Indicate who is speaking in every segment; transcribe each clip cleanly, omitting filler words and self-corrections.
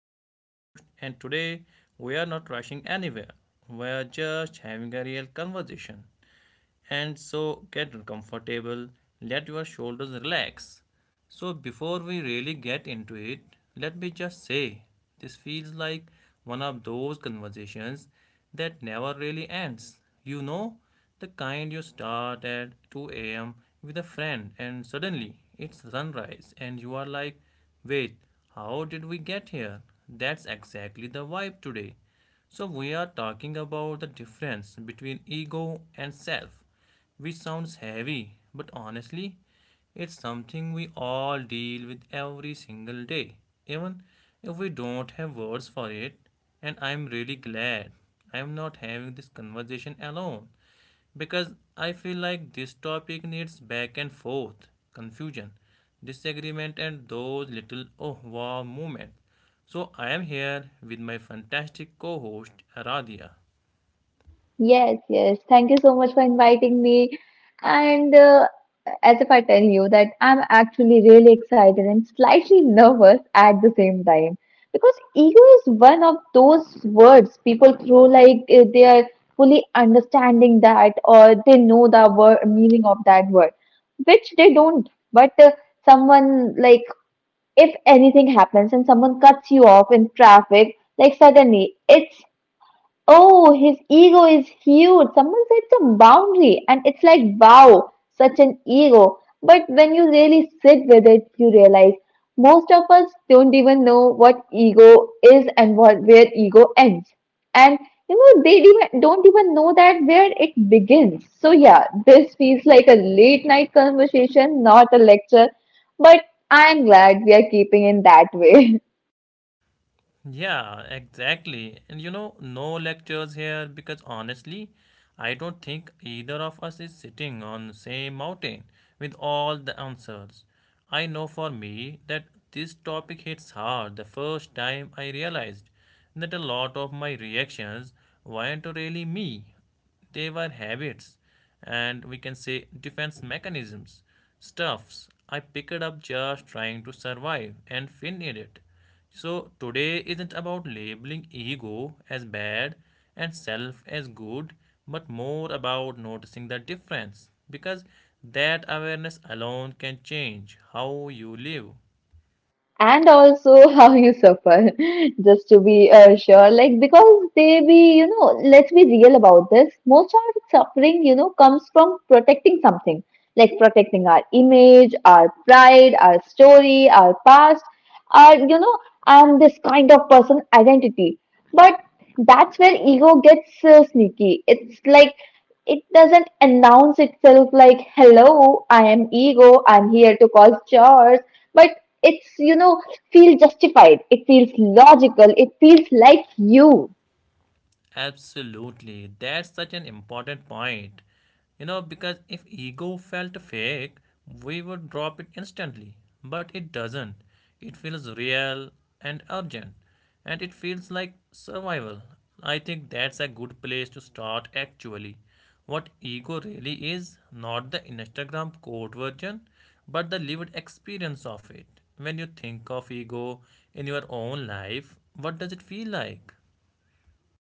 Speaker 1: I am your host, and today we are not rushing anywhere. We are just having a real conversation. And so get comfortable, let your shoulders relax. So, before we really get into it, let me just say this feels like one of those conversations that never really ends. You know, the kind you start at 2 a.m. with a friend, and suddenly it's sunrise, and you are like, wait, how did we get here? That's exactly the vibe today. So, we are talking about the difference between ego and self, which sounds heavy, but honestly, it's something we all deal with every single day, even if we don't have words for it. And I'm really glad I'm not having this conversation alone because I feel like this topic needs back and forth, confusion, disagreement, and those little oh wow moments. So I am here with my fantastic co host Aradia.
Speaker 2: Yes, yes. Thank you so much for inviting me. And as if I tell you that I'm actually really excited and slightly nervous at the same time because ego is one of those words people throw like they are fully understanding that or they know the word meaning of that word, which they don't. But someone like if anything happens and someone cuts you off in traffic, like suddenly it's, "Oh, his ego is huge." Someone said the boundary, and it's like, wow, such an ego. But when you really sit with it, you realize most of us don't even know what ego is and what where ego ends. And they even, don't even know that where it begins. So yeah, this feels like a late night conversation, not a lecture. But I'm glad we are keeping in that way.
Speaker 1: Yeah, exactly. And you know, no lectures here because honestly, I don't think either of us is sitting on the same mountain with all the answers. I know for me that this topic hits hard the first time I realized that a lot of my reactions weren't really me. They were habits and we can say defense mechanisms, stuffs I picked up just trying to survive and finished it. So today isn't about labeling ego as bad and self as good, but more about noticing the difference because that awareness alone can change how you live.
Speaker 2: And also how you suffer just to be sure, like because they be let's be real about this. Most of our suffering, comes from protecting something, like protecting our image, our pride, our story, our past, our, I'm this kind of person, identity. But that's where ego gets sneaky. It's like it doesn't announce itself like, "Hello, I am ego, I'm here to cause chores." But it's, feels justified, it feels logical, it feels like you.
Speaker 1: Absolutely. That's such an important point. You know, because if ego felt fake, we would drop it instantly. But it doesn't. It feels real and urgent. And it feels like survival. I think that's a good place to start actually. What ego really is, not the Instagram quote version, but the lived experience of it. When you think of ego in your own life, what does it feel like?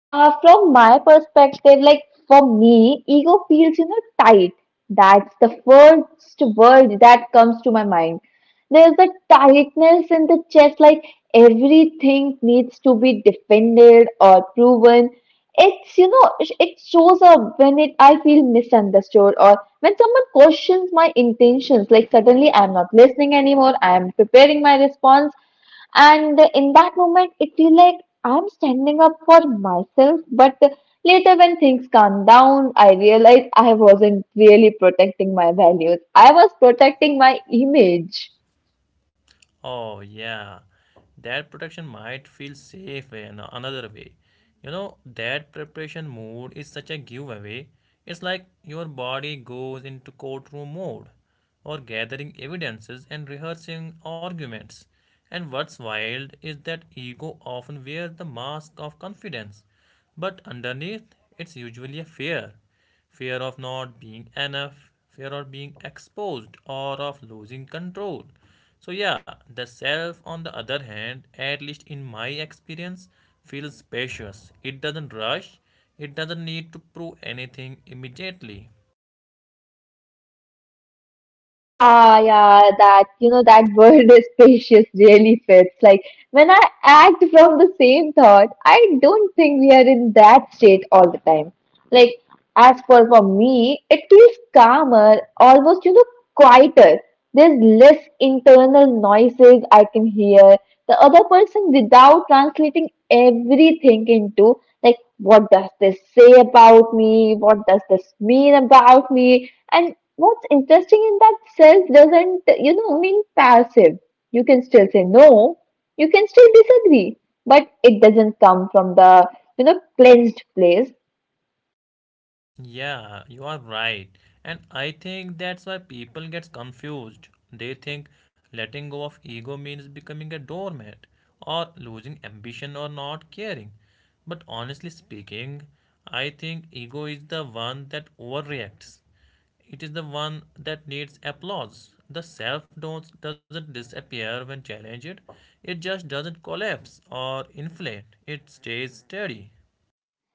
Speaker 2: From my perspective, like for me, ego feels, tight. That's the first word that comes to my mind. There's a tightness in the chest, like everything needs to be defended or proven. It's, it shows up when it I feel misunderstood or when someone questions my intentions, like suddenly I'm not listening anymore, I'm preparing my response. And in that moment, it feel like I'm standing up for myself. But later, when things calm down, I realize I wasn't really protecting my values. I was protecting my image.
Speaker 1: Oh, yeah. That protection might feel safe in another way. You know, that preparation mode is such a giveaway. It's like your body goes into courtroom mode or gathering evidences and rehearsing arguments. And what's wild is that ego often wears the mask of confidence, but underneath, it's usually a fear fear of not being enough, fear of being exposed, or of losing control. So, yeah, the self, on the other hand, at least in my experience, feels spacious. It doesn't rush, it doesn't need to prove anything immediately.
Speaker 2: Yeah, yeah, that, that word is spacious really fits. Like, when I act from the same thought, I don't think we are in that state all the time. Like, as for me, it feels calmer, almost, quieter. There's less internal noises. I can hear the other person without translating everything into like, what does this say about me? What does this mean about me? And what's interesting in that self doesn't mean passive. You can still say no. You can still disagree, but it doesn't come from the, cleansed place.
Speaker 1: Yeah, you are right. And I think that's why people get confused. They think letting go of ego means becoming a doormat or losing ambition or not caring. But honestly speaking, I think ego is the one that overreacts. It is the one that needs applause. The self don't doesn't disappear when challenged. It just doesn't collapse or inflate. It stays steady.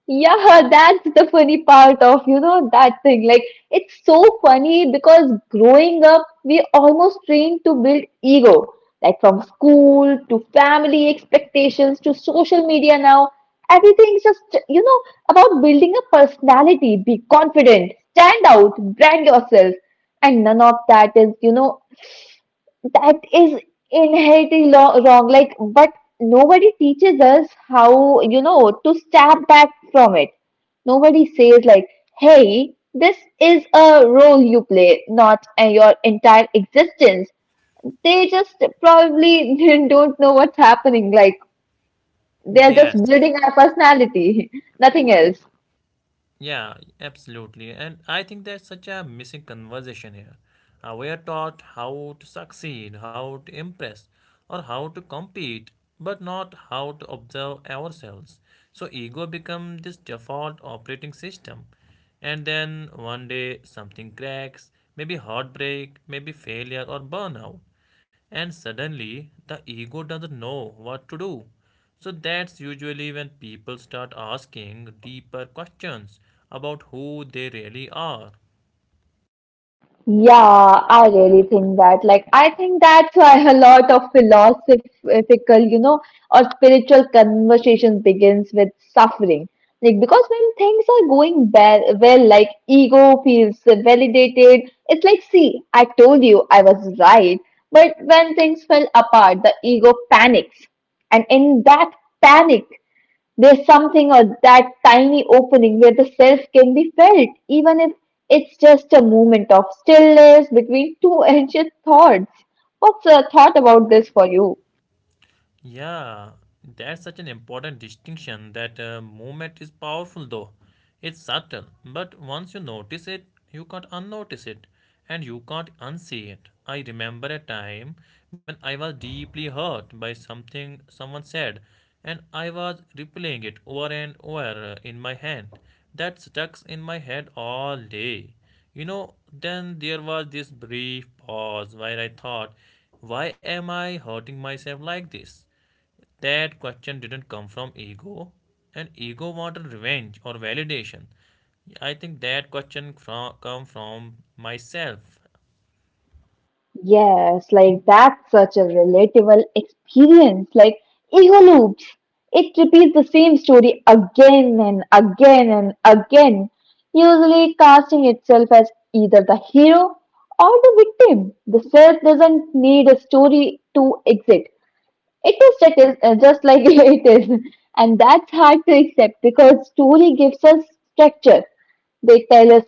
Speaker 2: Yeah, that's the funny part of, that thing. Like, it's so funny because growing up, we almost trained to build ego, like from school to family expectations to social media now. Everything's just, about building a personality, be confident, stand out, brand yourself. And none of that is, that is inherently wrong, like, but nobody teaches us how, to step back from it. Nobody says like, hey, this is a role you play, not your entire existence. They just probably don't know what's happening, like they're just
Speaker 1: Yes,
Speaker 2: building our personality nothing else.
Speaker 1: yeah, absolutely. And I think that's such a missing conversation here. We are taught how to succeed, how to impress, or how to compete, but not how to observe ourselves. So ego becomes this default operating system. And then one day something cracks, maybe heartbreak, maybe failure or burnout. And suddenly, the ego doesn't know what to do. So, that's usually when people start asking deeper questions about who they really are.
Speaker 2: Yeah, I really think that. Like, I think that's why a lot of philosophical, or spiritual conversations begins with suffering. Like, because when things are going bad, well, like ego feels validated. It's like, see, I told you I was right. But when things fell apart, the ego panics. And in that panic, there's something or that tiny opening where the self can be felt, even if it's just a moment of stillness between two anxious thoughts. What's a thought about this for you?
Speaker 1: Yeah, that's such an important distinction that movement is powerful though. It's subtle, but once you notice it, you can't unnotice it and you can't unsee it. I remember a time when I was deeply hurt by something someone said and I was replaying it over and over in my hand. That stuck in my head all day. You know, then there was this brief pause where I thought, why am I hurting myself like this? That question didn't come from ego, and ego wanted revenge or validation. I think that question from come from myself.
Speaker 2: Yes, like that's such a relatable experience. Like ego loops, it repeats the same story again and again and again, usually casting itself as either the hero or the victim. The self doesn't need a story to exist. It is just, just like it is, and that's hard to accept because story gives us structure. They tell us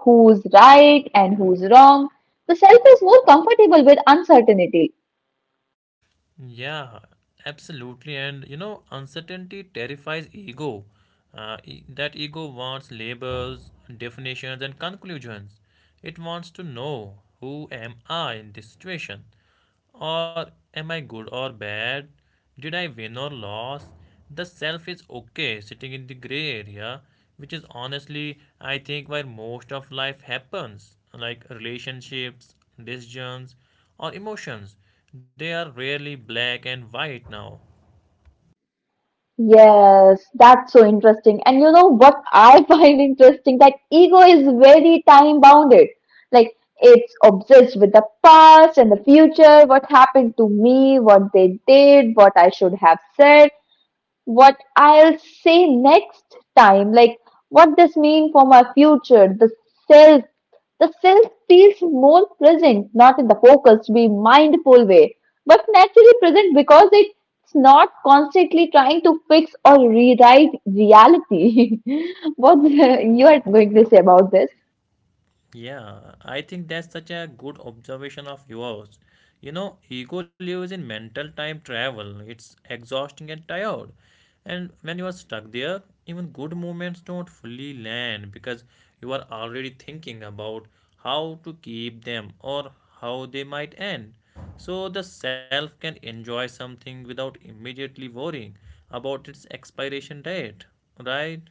Speaker 2: who's right and who's wrong. The self is more comfortable with uncertainty.
Speaker 1: Yeah, absolutely. And you know, uncertainty terrifies ego. That ego wants labels, definitions, and conclusions. It wants to know who am I in this situation, or am I good or bad? Did I win or lose? The self is okay, sitting in the gray area, which is honestly, I think, where most of life happens. Like relationships, decisions, or emotions. They are rarely black and white now.
Speaker 2: Yes, that's so interesting. And you know what I find interesting? That ego is very time bounded. Like it's obsessed with the past and the future, what happened to me, what they did, what I should have said, what I'll say next time, like what this mean for my future. The self, the self feels more present, not in the focused, be mindful way, but naturally present because it's not constantly trying to fix or rewrite reality. What you are going to say about this?
Speaker 1: Yeah, I think that's such a good observation of yours. You know, ego lives in mental time travel. It's exhausting and tired. And when you are stuck there, even good moments don't fully land because you are already thinking about how to keep them or how they might end. So the self can enjoy something without immediately worrying about its expiration date, right?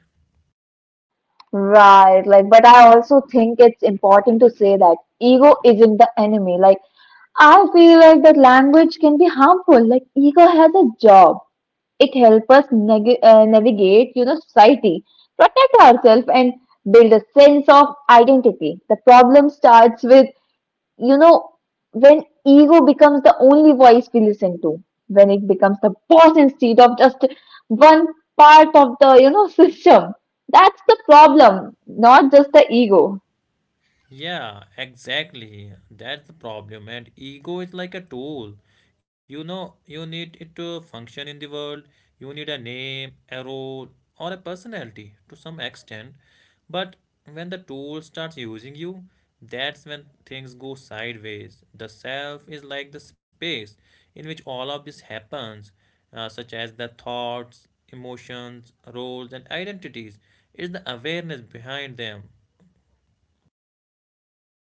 Speaker 2: Right, like, but I also think it's important to say that ego isn't the enemy. Like, I feel like that language can be harmful. Like ego has a job. It helps us navigate, society, protect ourselves, and build a sense of identity. The problem starts with, you know, when ego becomes the only voice we listen to. When it becomes the boss instead of just one part of the, system. That's the problem, not just the ego.
Speaker 1: Yeah, exactly. That's the problem. And ego is like a tool. You know, you need it to function in the world. You need a name, a role, or a personality to some extent. But when the tool starts using you, that's when things go sideways. The self is like the space in which all of this happens, such as the thoughts, emotions, roles, and identities. Is the awareness behind them.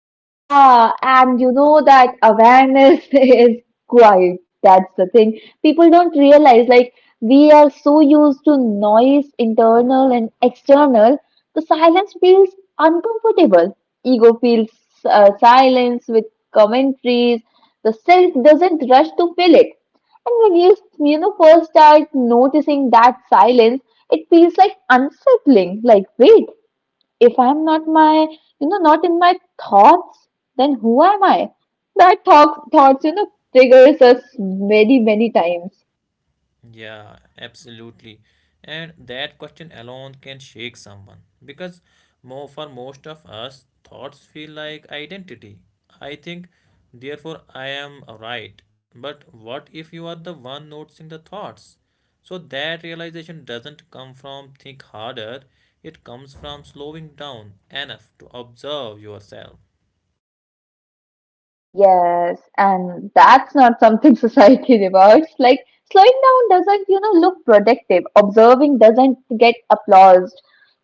Speaker 2: Yeah, and you know that awareness is quiet. That's the thing. People don't realize, like, we are so used to noise, internal and external. The silence feels uncomfortable. Ego feels silence with commentaries. The self doesn't rush to fill it. And when you, first start noticing that silence, it feels like unsettling. Like, wait, if I'm not my, not in my thoughts, then who am I? That thoughts, triggers us many, many times.
Speaker 1: Yeah, absolutely. And that question alone can shake someone because more for most of us, thoughts feel like identity. I think, therefore, I am right. But what if you are the one noticing the thoughts? So that realization doesn't come from think harder, it comes from slowing down enough to observe yourself.
Speaker 2: Yes, and that's not something society rewards. Like slowing down doesn't, look productive. Observing doesn't get applauded.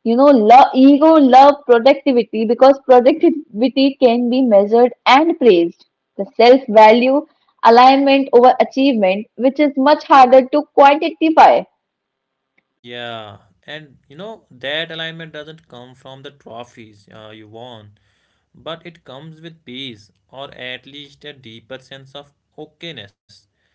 Speaker 2: You know, love, ego, love productivity because productivity can be measured and praised. The self-value alignment over achievement, which is much harder to quantify.
Speaker 1: Yeah, and you know that alignment doesn't come from the trophies you won, but it comes with peace or at least a deeper sense of okayness.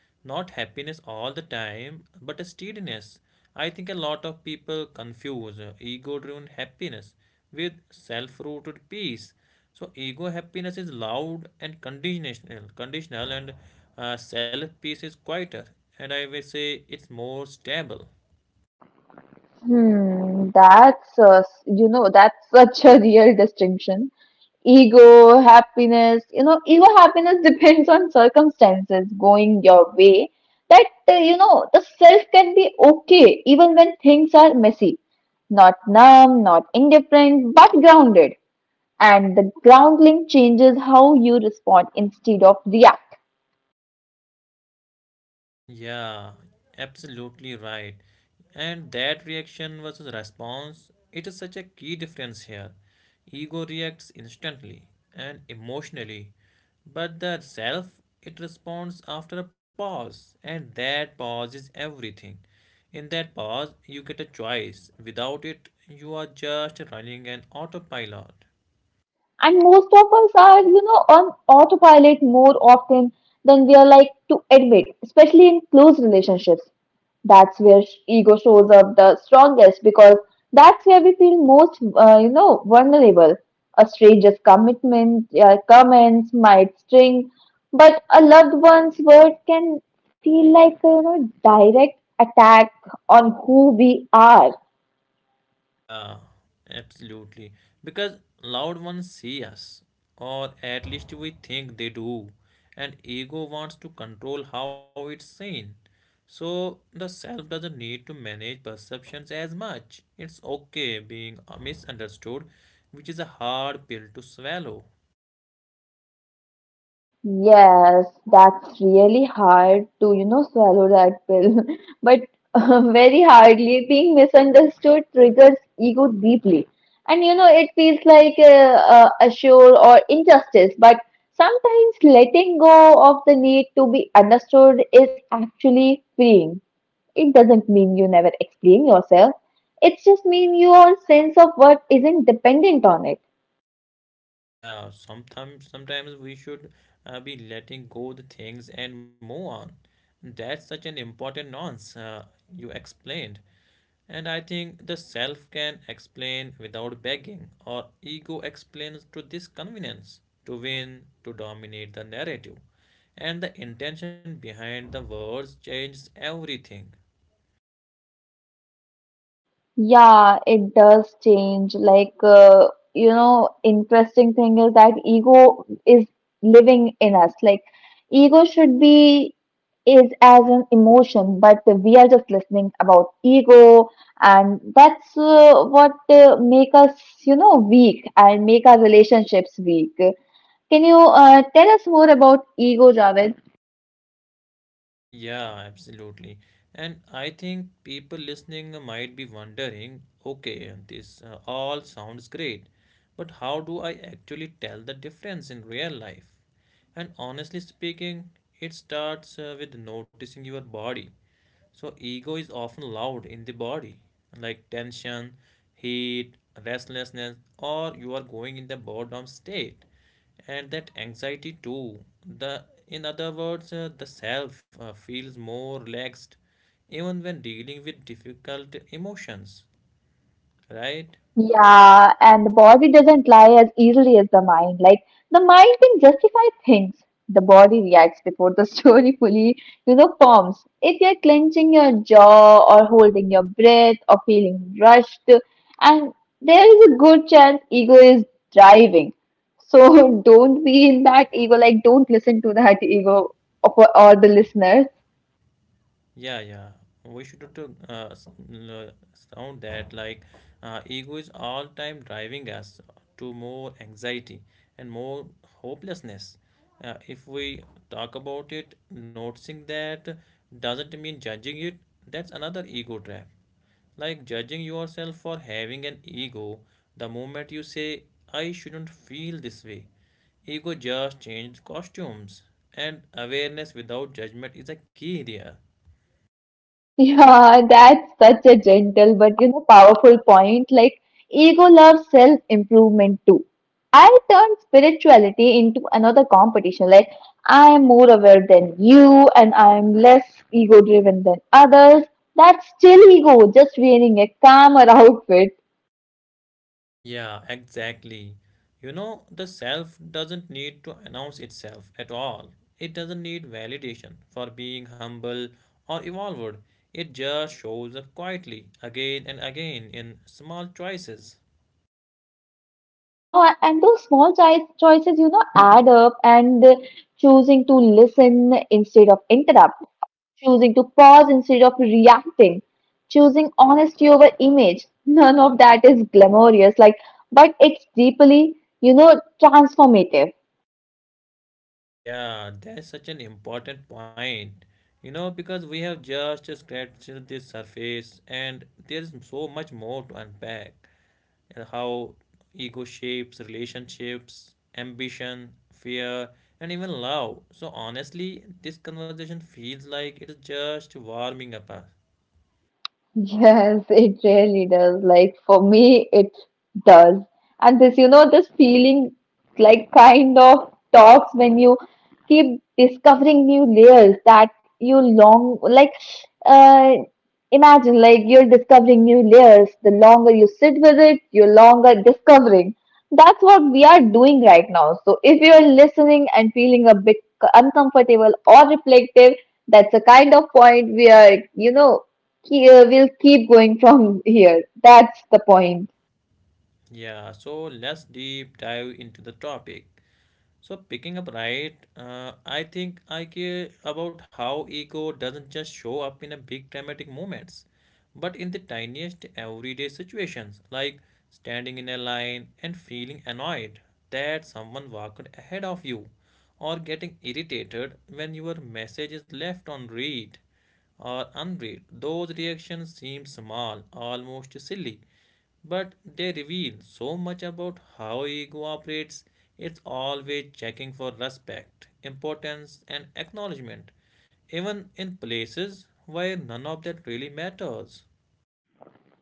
Speaker 1: Not happiness all the time, but a steadiness. I think a lot of people confuse ego-driven happiness with self-rooted peace. So ego happiness is loud and conditional, and self peace is quieter, and I will say it's more stable.
Speaker 2: Hmm, that's a, that's such a real distinction. Ego, happiness, ego happiness depends on circumstances going your way. That, the self can be okay even when things are messy. Not numb, not indifferent, but grounded. And the grounding changes how you respond instead of react.
Speaker 1: Yeah, absolutely right. And that reaction versus response, it is such a key difference here. Ego reacts instantly and emotionally, but the self, it responds after a pause, and that pause is everything. In that pause, you get a choice. Without it, you are just running an autopilot.
Speaker 2: And most of us are, on autopilot more often than we are like to admit, especially in close relationships. That's where ego shows up the strongest because that's where we feel most, vulnerable. A stranger's commitment, comments might sting, but a loved one's word can feel like a, direct attack on who we are.
Speaker 1: Yeah, absolutely. Because loud ones see us, or at least we think they do, and ego wants to control how it's seen. So the self doesn't need to manage perceptions as much. It's okay being misunderstood, which is a hard pill to swallow.
Speaker 2: Yes, that's really hard to, swallow that pill. But very hardly, being misunderstood triggers ego deeply. And, it feels like a sure or injustice. But sometimes letting go of the need to be understood is actually freeing. It doesn't mean you never explain yourself. It just means your sense of worth isn't dependent on it.
Speaker 1: Yeah, sometimes we should be letting go the things and move on. That's such an important nuance you explained. And I think the self can explain without begging, or ego explains to this convenience to win, to dominate the narrative. And the intention behind the words changes everything.
Speaker 2: Yeah, it does change. Like, interesting thing is that ego is living in us. Like, ego should be is as an emotion, but we are just listening about ego, and that's what make us, weak and make our relationships weak. Can you tell us more about ego, Javed?
Speaker 1: Yeah, absolutely. And I think people listening might be wondering okay, this all sounds great, but how do I actually tell the difference in real life? And honestly speaking, it starts with noticing your body. So, ego is often loud in the body, like tension, heat, restlessness, or you are going in the boredom state, and that anxiety too. The in other words, the self feels more relaxed even when dealing with difficult emotions, right?
Speaker 2: Yeah, and the body doesn't lie as easily as the mind. Like the mind can justify things. The body reacts before the story fully, forms. If you're clenching your jaw or holding your breath or feeling rushed, and there is a good chance ego is driving. So don't be in that ego, like don't listen to that ego of, or the listeners.
Speaker 1: Yeah, yeah. We should not sound that like ego is all time driving us to more anxiety and more hopelessness. If we talk about it, noticing that doesn't mean judging it. That's another ego trap. Like judging yourself for having an ego. The moment you say, "I shouldn't feel this way," ego just changed costumes. And awareness without judgment is a key there.
Speaker 2: Yeah, that's such a gentle but you know powerful point. Like ego loves self-improvement too. I turn spirituality into another competition. Like I am more aware than you and I am less ego-driven than others. That's still ego, just wearing a calmer outfit.
Speaker 1: Yeah, exactly. You know, the self doesn't need to announce itself at all. It doesn't need validation for being humble or evolved. It just shows up quietly, again and again, in small choices.
Speaker 2: Yeah, and those small choices, add up. And choosing to listen instead of interrupt, choosing to pause instead of reacting, choosing honesty over image. None of that is glamorous, like, but it's deeply, transformative.
Speaker 1: Yeah, that's such an important point. You know, because we have just scratched the surface and there's so much more to unpack. And how ego shapes relationships, ambition, fear, and even love. So honestly, this conversation feels like it's just warming up. Us.
Speaker 2: Yes, it really does. Like for me, it does. And this, this feeling like kind of talks when you keep discovering new layers that you long, like uh imagine, like you're discovering new layers. The longer you sit with it, you're longer discovering. That's what we are doing right now. So if you're listening and feeling a bit uncomfortable or reflective, that's a kind of point where, we'll keep going from here. That's the point.
Speaker 1: Yeah, so let's deep dive into the topic. So picking up right, I think I care about how ego doesn't just show up in a big dramatic moments, but in the tiniest everyday situations, like standing in a line and feeling annoyed that someone walked ahead of you, or getting irritated when your message is left on read or unread. Those reactions seem small, almost silly, but they reveal so much about how ego operates. It's always checking for respect, importance, and acknowledgement, even in places where none of that really matters.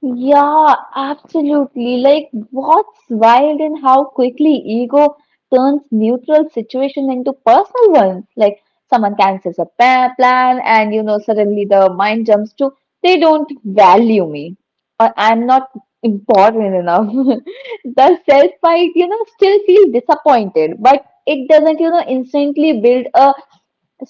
Speaker 2: Yeah, absolutely. Like, what's wild in how quickly ego turns neutral situation into personal ones. Like, someone cancels a plan, and you know, suddenly the mind jumps to, they don't value me, or I'm not important enough. The self-pride, still feels disappointed, but it doesn't, instantly build a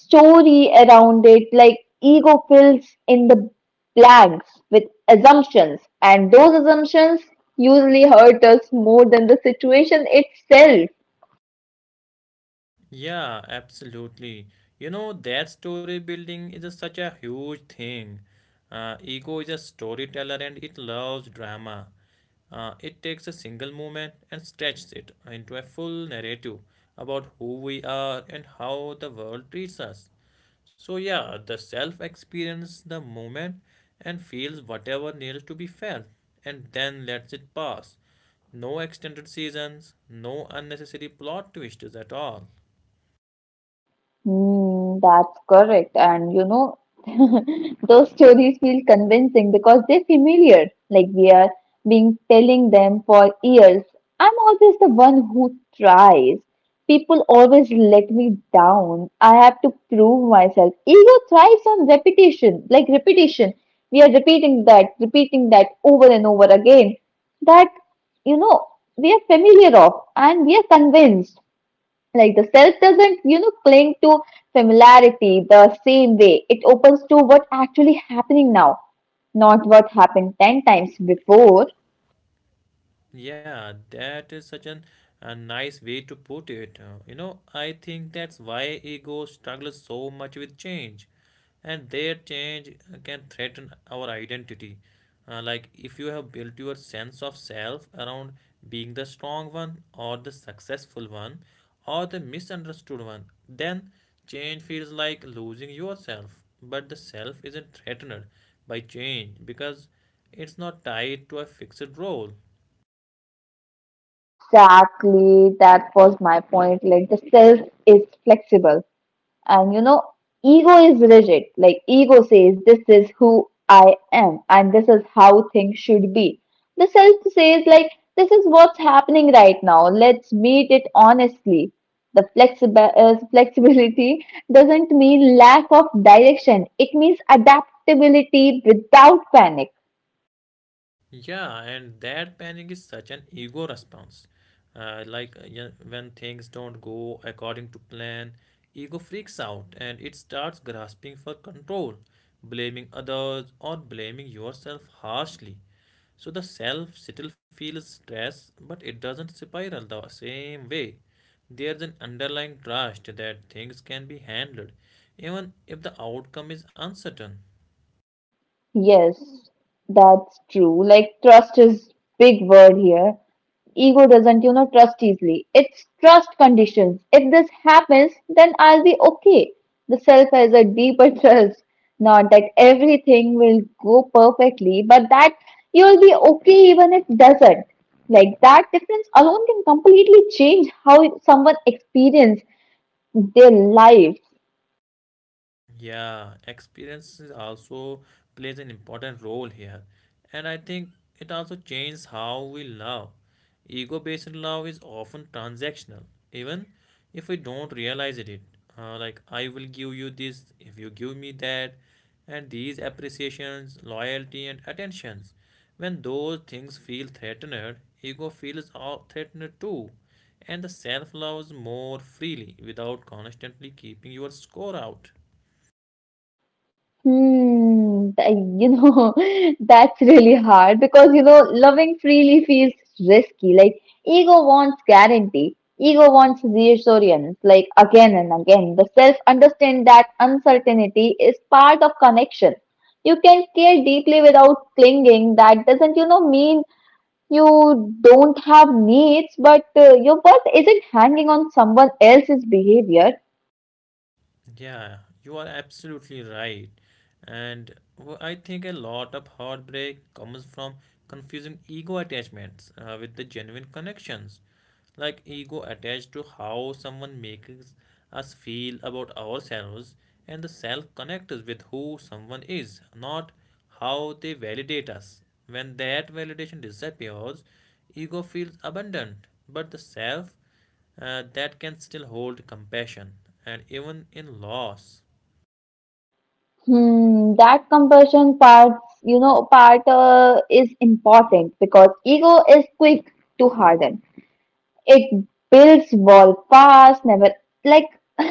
Speaker 2: story around it. Like ego fills in the blanks with assumptions, and those assumptions usually hurt us more than the situation itself.
Speaker 1: Yeah, absolutely. You know, that story building is a, such a huge thing. Ego is a storyteller and it loves drama. It takes a single moment and stretches it into a full narrative about who we are and how the world treats us. So, yeah, the self experiences the moment and feels whatever needs to be felt and then lets it pass. No extended seasons, no unnecessary plot twists at all.
Speaker 2: Mm, that's correct. And you know, those stories feel convincing because they're familiar, like we are being telling them for years. I'm always the one who tries. People always let me down. I have to prove myself. Ego thrives on repetition, like repetition. We are repeating that over and over again. That, you know, we are familiar of and we are convinced like the self doesn't cling to familiarity the same way it opens to what actually happening now, not what happened 10 times before.
Speaker 1: Yeah, that is a nice way to put it. You know, I think that's why ego struggles so much with change. And their change can threaten our identity. Like, if you have built your sense of self around being the strong one, or the successful one, or the misunderstood one, then change feels like losing yourself. But the self isn't threatened by change because it's not tied to a fixed role.
Speaker 2: Exactly, that was my point. Like the self is flexible. And you know, ego is rigid. Like, ego says, this is who I am, and this is how things should be. The self says, like, this is what's happening right now. Let's meet it honestly. Flexibility doesn't mean lack of direction, it means adaptability without panic.
Speaker 1: Yeah, and that panic is such an ego response. Like, yeah, when things don't go according to plan, ego freaks out and it starts grasping for control, blaming others or blaming yourself harshly. So the self still feels stress, but it doesn't spiral the same way. There's an underlying trust that things can be handled, even if the outcome is uncertain.
Speaker 2: Yes, that's true. Like trust is big word here. Ego doesn't, trust easily. It's trust conditions. If this happens, then I'll be okay. The self has a deeper trust. Not that everything will go perfectly, but that you'll be okay even if doesn't. Like that difference alone can completely change how someone experience their life.
Speaker 1: Yeah, experiences also plays an important role here. And I think it also changes how we love. Ego-based love is often transactional, even if we don't realize it. Like I will give you this if you give me that, and these appreciations, loyalty, and attentions. When those things feel threatened, ego feels all threatened too, and the self loves more freely without constantly keeping your score out.
Speaker 2: Hmm, you know, that's really hard because, you know, loving freely feels risky. Like, ego wants guarantee, ego wants reassurance, like, again and again. The self understand that uncertainty is part of connection. You can care deeply without clinging. That doesn't, mean you don't have needs, but your worth isn't hanging on someone else's behavior.
Speaker 1: Yeah, you are absolutely right. And I think a lot of heartbreak comes from confusing ego attachments with the genuine connections. Like ego attached to how someone makes us feel about ourselves, and the self connects with who someone is, not how they validate us. When that validation disappears, ego feels abundant, but the self that can still hold compassion and even in loss.
Speaker 2: Hmm, that compulsion part, is important because ego is quick to harden. It builds wall pass, never, like,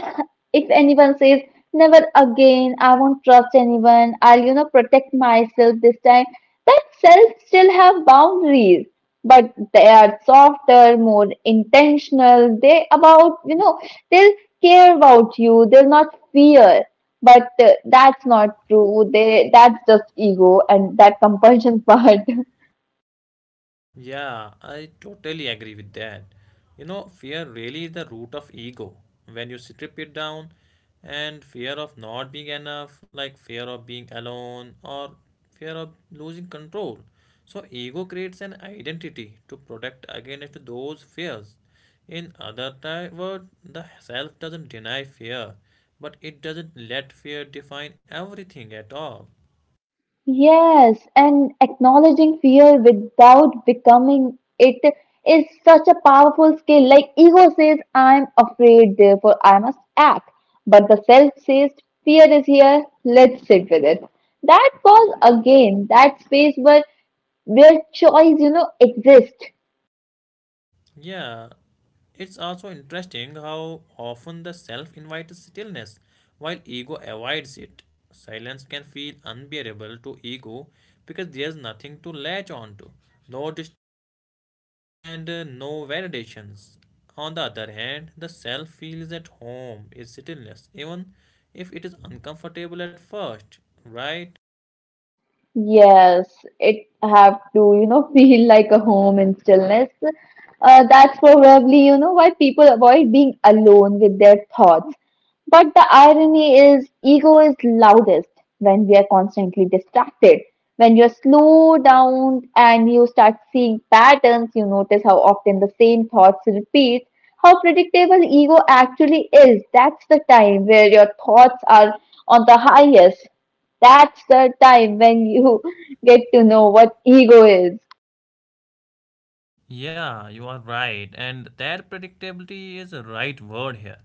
Speaker 2: if anyone says never again, I won't trust anyone, I'll protect myself this time. That self still have boundaries, but they are softer, more intentional. They about they'll care about you. They'll not fear. But that's not true. They That's just ego and that compulsion part.
Speaker 1: Yeah, I totally agree with that. You know, fear really is the root of ego. When you strip it down, and fear of not being enough, like fear of being alone or fear of losing control. So, ego creates an identity to protect against those fears. In other words, the self doesn't deny fear, but it doesn't let fear define everything at all.
Speaker 2: Yes, and acknowledging fear without becoming it is such a powerful skill. Like ego says, I'm afraid, therefore I must act. But the self says, fear is here, let's sit with it. That was again that space where choice, exists.
Speaker 1: Yeah, it's also interesting how often the self invites stillness while ego avoids it. Silence can feel unbearable to ego because there's nothing to latch onto, no distraction and no validations. On the other hand, the self feels at home in stillness, even if it is uncomfortable at first, right?
Speaker 2: Yes, it have to, feel like a home in stillness. That's probably, why people avoid being alone with their thoughts. But the irony is, ego is loudest when we are constantly distracted. When you slow down and you start seeing patterns, you notice how often the same thoughts repeat, how predictable ego actually is. That's the time where your thoughts are on the highest. That's the time when you get to know what ego is.
Speaker 1: Yeah, you are right. And that predictability is a right word here.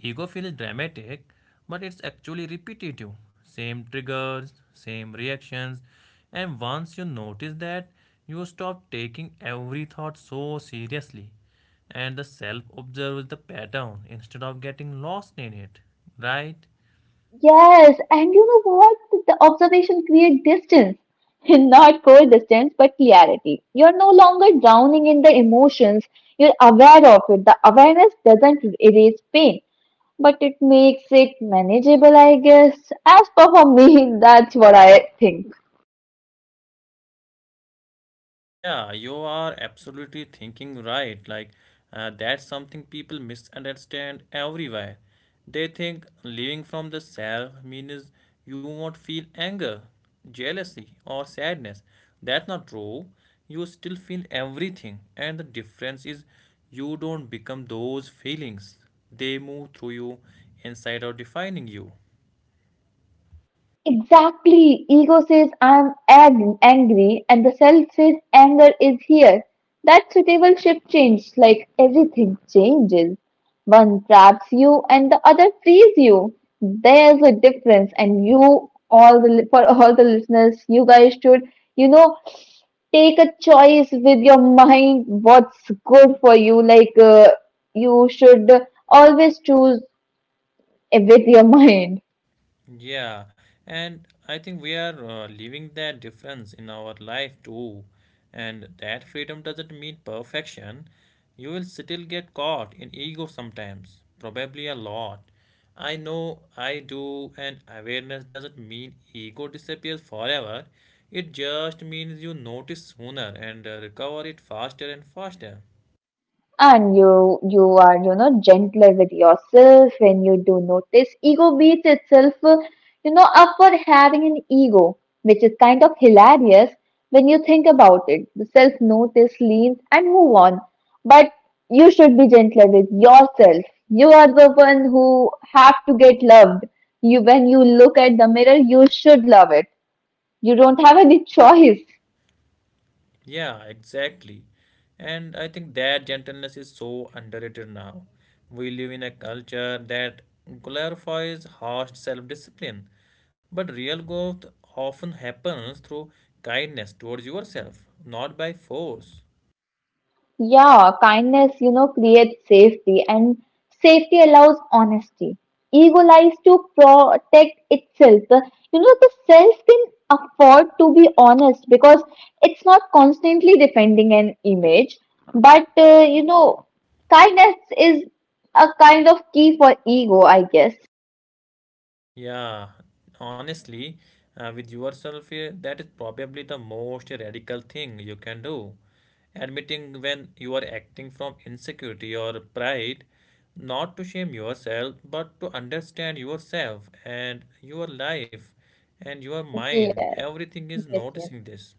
Speaker 1: Ego feels dramatic, but it's actually repetitive. Same triggers, same reactions. And once you notice that, you stop taking every thought so seriously. And the self observes the pattern instead of getting lost in it, right?
Speaker 2: Yes, and you know what? The observation creates distance. Not cold distance, but clarity. You're no longer drowning in the emotions. You're aware of it. The awareness doesn't erase pain, but it makes it manageable, I guess. As per for me, that's what I think.
Speaker 1: Yeah, you are absolutely thinking right. Like, that's something people misunderstand everywhere. They think living from the self means you won't feel anger, jealousy, or sadness. That's not true. You still feel everything, and the difference is you don't become those feelings. They move through you inside of defining you.
Speaker 2: Exactly. Ego says I'm angry, and the self says anger is here. That suitable shift change, like everything changes. One traps you, and the other frees you. There's a difference, and you all the li- for all the listeners, you guys should you know take a choice with your mind. What's good for you? Like you should always choose with your mind.
Speaker 1: Yeah, and I think we are leaving that difference in our life too. And that freedom doesn't mean perfection. You will still get caught in ego sometimes, probably a lot. I know I do, and awareness doesn't mean ego disappears forever. It just means you notice sooner and recover it faster and faster.
Speaker 2: And you are gentler with yourself when you do notice ego beats itself up for having an ego, which is kind of hilarious when you think about it. The self notice leans and move on, but you should be gentler with yourself. You are the one who have to get loved. You When you look at the mirror you should love it. You don't have any choice.
Speaker 1: Yeah, exactly. And I think that gentleness is so underrated now. We live in a culture that glorifies harsh self-discipline, but real growth often happens through kindness towards yourself, not by force.
Speaker 2: Yeah, kindness, creates safety, and safety allows honesty. Ego lies to protect itself. The self can afford to be honest because it's not constantly defending an image. But, kindness is a kind of key for ego, I guess.
Speaker 1: Yeah, honestly, with yourself, that is probably the most radical thing you can do. Admitting when you are acting from insecurity or pride, not to shame yourself, but to understand yourself and your life and your mind.
Speaker 2: Yeah,
Speaker 1: Everything is
Speaker 2: yes, yes.
Speaker 1: noticing this.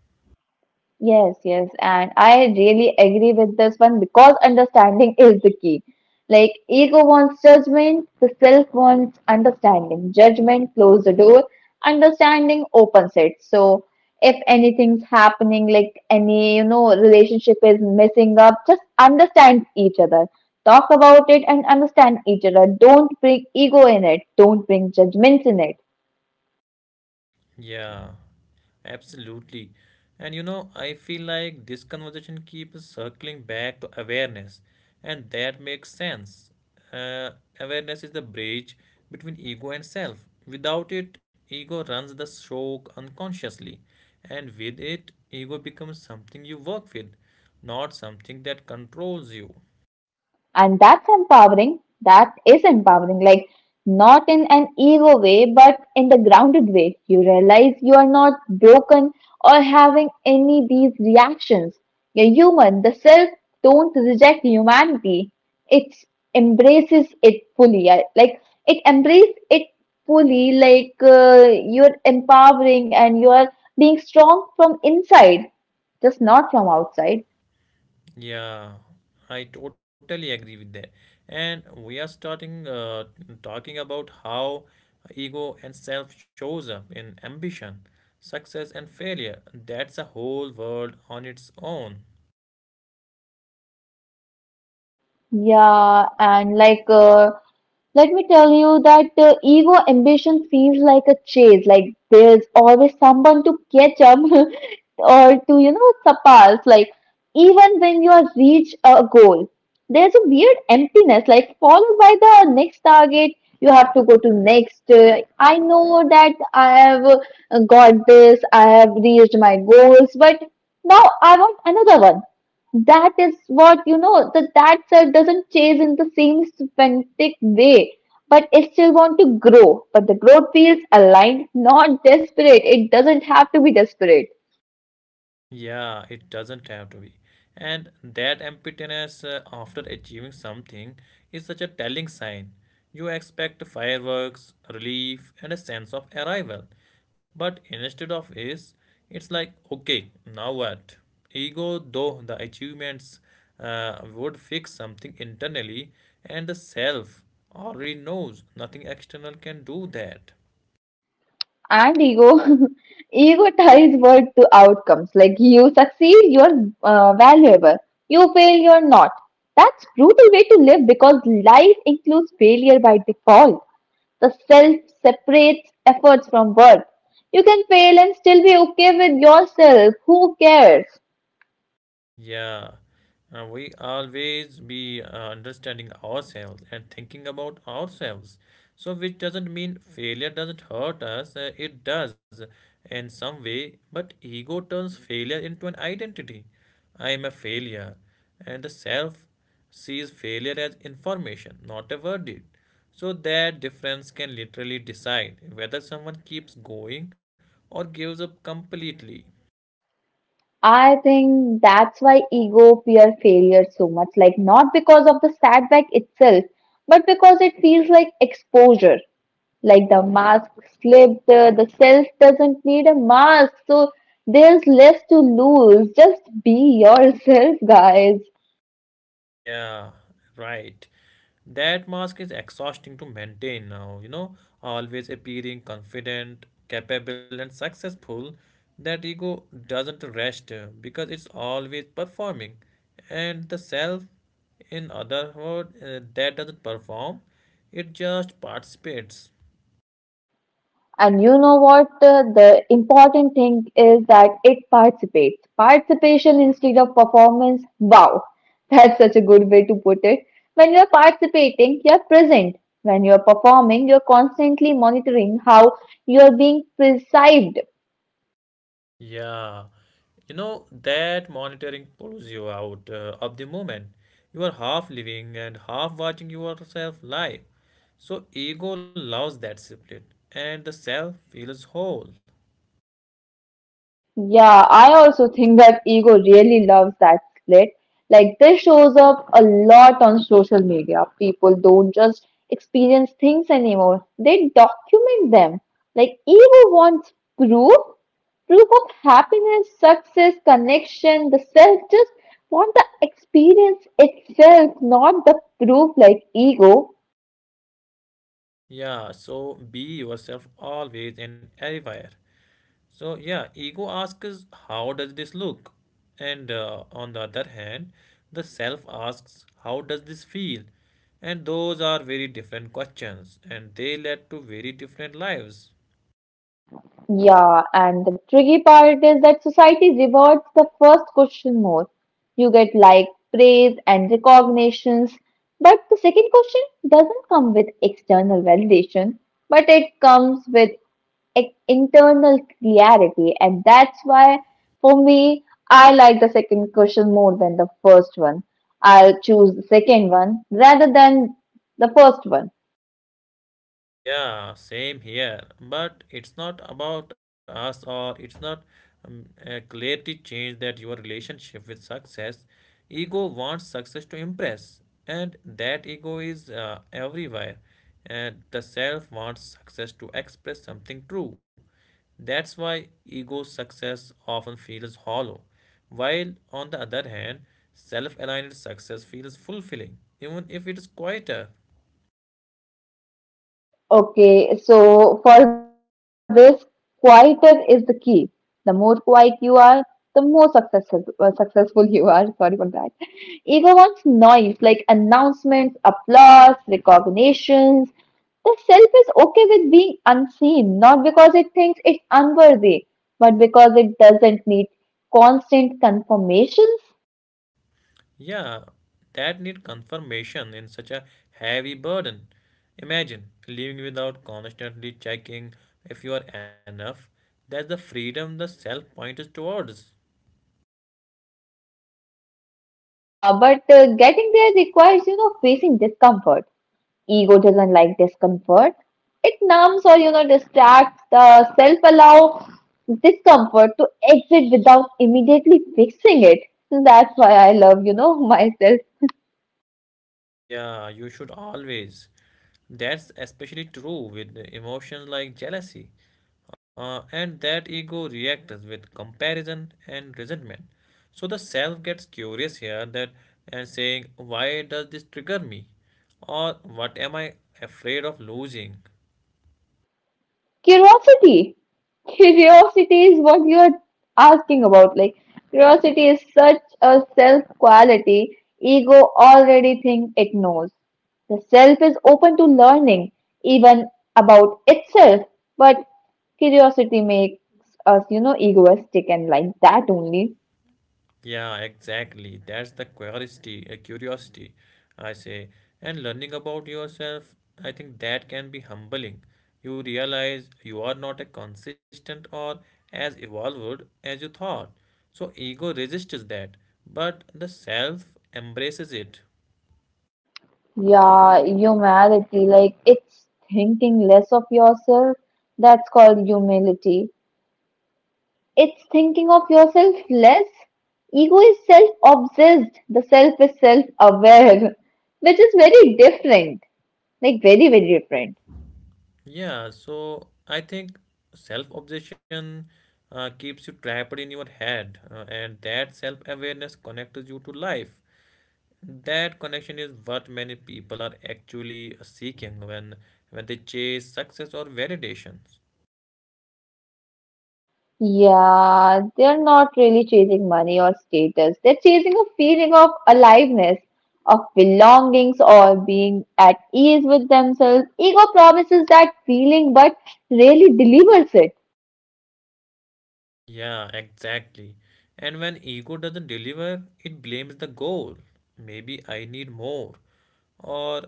Speaker 2: Yes, yes, and I really agree with this one because understanding is the key. Like, ego wants judgment, the self wants understanding. Judgment closes the door, understanding opens it. So, if anything's happening, like any, relationship is messing up, just understand each other. Talk about it and understand each other. Don't bring ego in it, don't bring judgments in it.
Speaker 1: Yeah, absolutely. And you know, I feel like this conversation keeps circling back to awareness, and that makes sense. Uh, Awareness is the bridge between ego and self. Without it, ego runs the show unconsciously, and with it, ego becomes something you work with, not something that controls you.
Speaker 2: And that's empowering, that is empowering. Like, not in an ego way but in the grounded way. You realize you are not broken or having any these reactions. You're human. The self don't reject humanity, it embraces it fully. Like it embraces it fully. Like you're empowering and you're being strong from inside, just not from outside.
Speaker 1: Yeah, I totally agree with that. And we are starting talking about how ego and self shows up in ambition, success and failure. That's a whole world on its own.
Speaker 2: Yeah, and like, let me tell you that ego ambition feels like a chase. Like there's always someone to catch up or to, surpass. Like even when you are reach a goal, there's a weird emptiness. Like followed by the next target, you have to go to next. I know that I have got this. I have reached my goals, but now I want another one. That is what that self doesn't chase in the same semantic way, but it still want to grow. But the growth feels aligned, not desperate. It doesn't have to be desperate.
Speaker 1: Yeah, it doesn't have to be. And that emptiness after achieving something is such a telling sign. You expect fireworks, relief, and a sense of arrival. But instead of is, it's like, okay, now what? Ego, though the achievements would fix something internally, and the self already knows nothing external can do that.
Speaker 2: And ego ego ties word to outcomes. Like you succeed, you're valuable; you fail, you're not. That's brutal way to live because life includes failure by default. The self separates efforts from worth. You can fail and still be okay with yourself. Who cares?
Speaker 1: Yeah, we always be understanding ourselves and thinking about ourselves. So, which doesn't mean failure doesn't hurt us, it does in some way, but ego turns failure into an identity. I am a failure, and the self sees failure as information, not a verdict. So, that difference can literally decide whether someone keeps going or gives up completely.
Speaker 2: I think that's why ego fear failure so much. Like, not because of the setback itself, but because it feels like exposure. Like the mask slipped, the self doesn't need a mask. So there's less to lose. Just be yourself, guys.
Speaker 1: Yeah, right. That mask is exhausting to maintain now, you know, always appearing confident, capable, and successful. That ego doesn't rest because it's always performing. And the self, in other words, that doesn't perform, it just participates.
Speaker 2: And you know what? The important thing is that it participates. Participation instead of performance. Wow, that's such a good way to put it. When you're participating, you're present. When you're performing, you're constantly monitoring how you're being perceived.
Speaker 1: Yeah, you know, that monitoring pulls you out of the moment. You are half living and half watching yourself live. So ego loves that split and the self feels whole.
Speaker 2: Yeah, I also think that ego really loves that split. Like, this shows up a lot on social media. People don't just experience things anymore, they document them. Like, ego wants proof, proof of happiness, success, connection. The self just want the experience itself, not the proof like ego.
Speaker 1: Yeah, so be yourself always and everywhere. So, yeah, ego asks, how does this look? And on the other hand, the self asks, how does this feel? And those are very different questions, and they led to very different lives.
Speaker 2: Yeah, and the tricky part is that society rewards the first question more. You get like praise and recognitions, but the second question doesn't come with external validation, but it comes with internal clarity, and that's why for me, I like the second question more than the first one. I'll choose the second one rather than the first one.
Speaker 1: Yeah, same here. But it's not about us, or it's not clearly change that your relationship with success. Ego wants success to impress, and that ego is everywhere. And the self wants success to express something true. That's why ego success often feels hollow, while on the other hand, self aligned success feels fulfilling, even if it is quieter.
Speaker 2: Okay, so for this, quieter is the key. The more quiet you are, the more successful you are. Sorry for that. Ego wants noise like announcements, applause, recognitions. The self is okay with being unseen, not because it thinks it's unworthy, but because it doesn't need constant confirmations.
Speaker 1: Yeah, that need confirmation in such a heavy burden. Imagine living without constantly checking if you are enough. That's the freedom the self point is towards.
Speaker 2: Yeah, but getting there requires, facing discomfort. Ego doesn't like discomfort. It numbs or distracts. The self allow discomfort to exit without immediately fixing it. So that's why I love myself.
Speaker 1: Yeah, you should always. That's especially true with the emotions like jealousy, and that ego reacts with comparison and resentment. So the self gets curious here that and saying, "Why does this trigger me?" or "What am I afraid of losing?"
Speaker 2: Curiosity. Curiosity is what you're asking about. Like, curiosity is such a self quality. Ego already thinks it knows. The self is open to learning, even about itself, but curiosity makes us, egoistic and like that only.
Speaker 1: Yeah, exactly. That's the curiosity, I say. And learning about yourself, I think that can be humbling. You realize you are not as consistent or as evolved as you thought. So ego resists that, but the self embraces it.
Speaker 2: Yeah, humility. Like it's thinking less of yourself. That's called humility. It's thinking of yourself less. Ego is self obsessed, the self is self aware, which is very different. Like, very different.
Speaker 1: Yeah, so I think self-obsession keeps you trapped in your head, and that self-awareness connects you to life. That connection is what many people are actually seeking when they chase success or validations.
Speaker 2: Yeah, they're not really chasing money or status. They're chasing a feeling of aliveness, of belongings, or being at ease with themselves. Ego promises that feeling but really delivers it.
Speaker 1: Yeah, exactly. And when ego doesn't deliver, it blames the goal. Maybe I need more or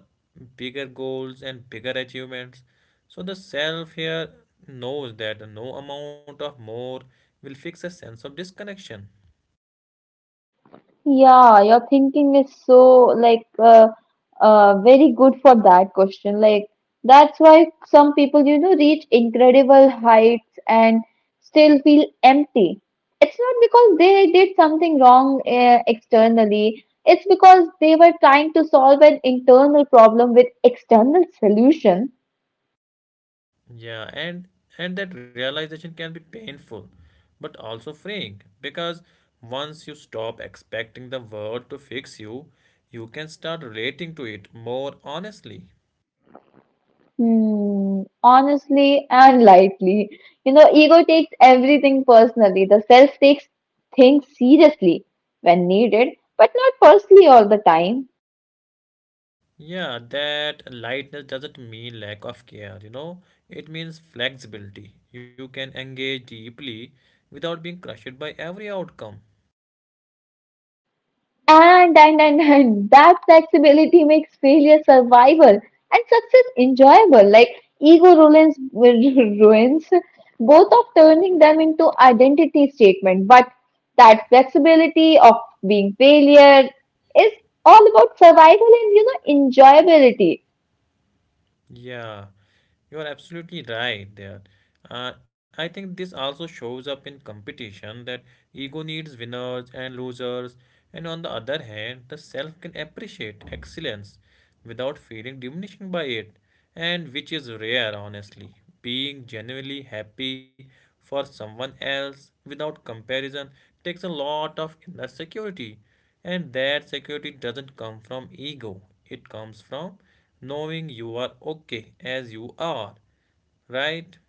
Speaker 1: bigger goals and bigger achievements. So the self here knows that no amount of more will fix a sense of disconnection.
Speaker 2: Yeah, your thinking is so like very good for that question. Like that's why some people, reach incredible heights and still feel empty. It's not because they did something wrong externally. It's because they were trying to solve an internal problem with external solutions.
Speaker 1: Yeah, and that realization can be painful, but also freeing because once you stop expecting the world to fix you, you can start relating to it more honestly.
Speaker 2: Hmm, honestly and lightly. You know, ego takes everything personally. The self takes things seriously when needed, but not personally all the time.
Speaker 1: Yeah, that lightness doesn't mean lack of care, you know, it means flexibility. You can engage deeply without being crushed by every outcome.
Speaker 2: And that flexibility makes failure survival and success enjoyable. Like ruins both of turning them into identity statement. But that flexibility of being failure is all about survival and enjoyability.
Speaker 1: Yeah. You are absolutely right there. I think this also shows up in competition that ego needs winners and losers, and on the other hand, the self can appreciate excellence without feeling diminished by it, and which is rare, honestly. Being genuinely happy for someone else without comparison takes a lot of inner security. And that security doesn't come from ego, it comes from knowing you are okay as you are, right?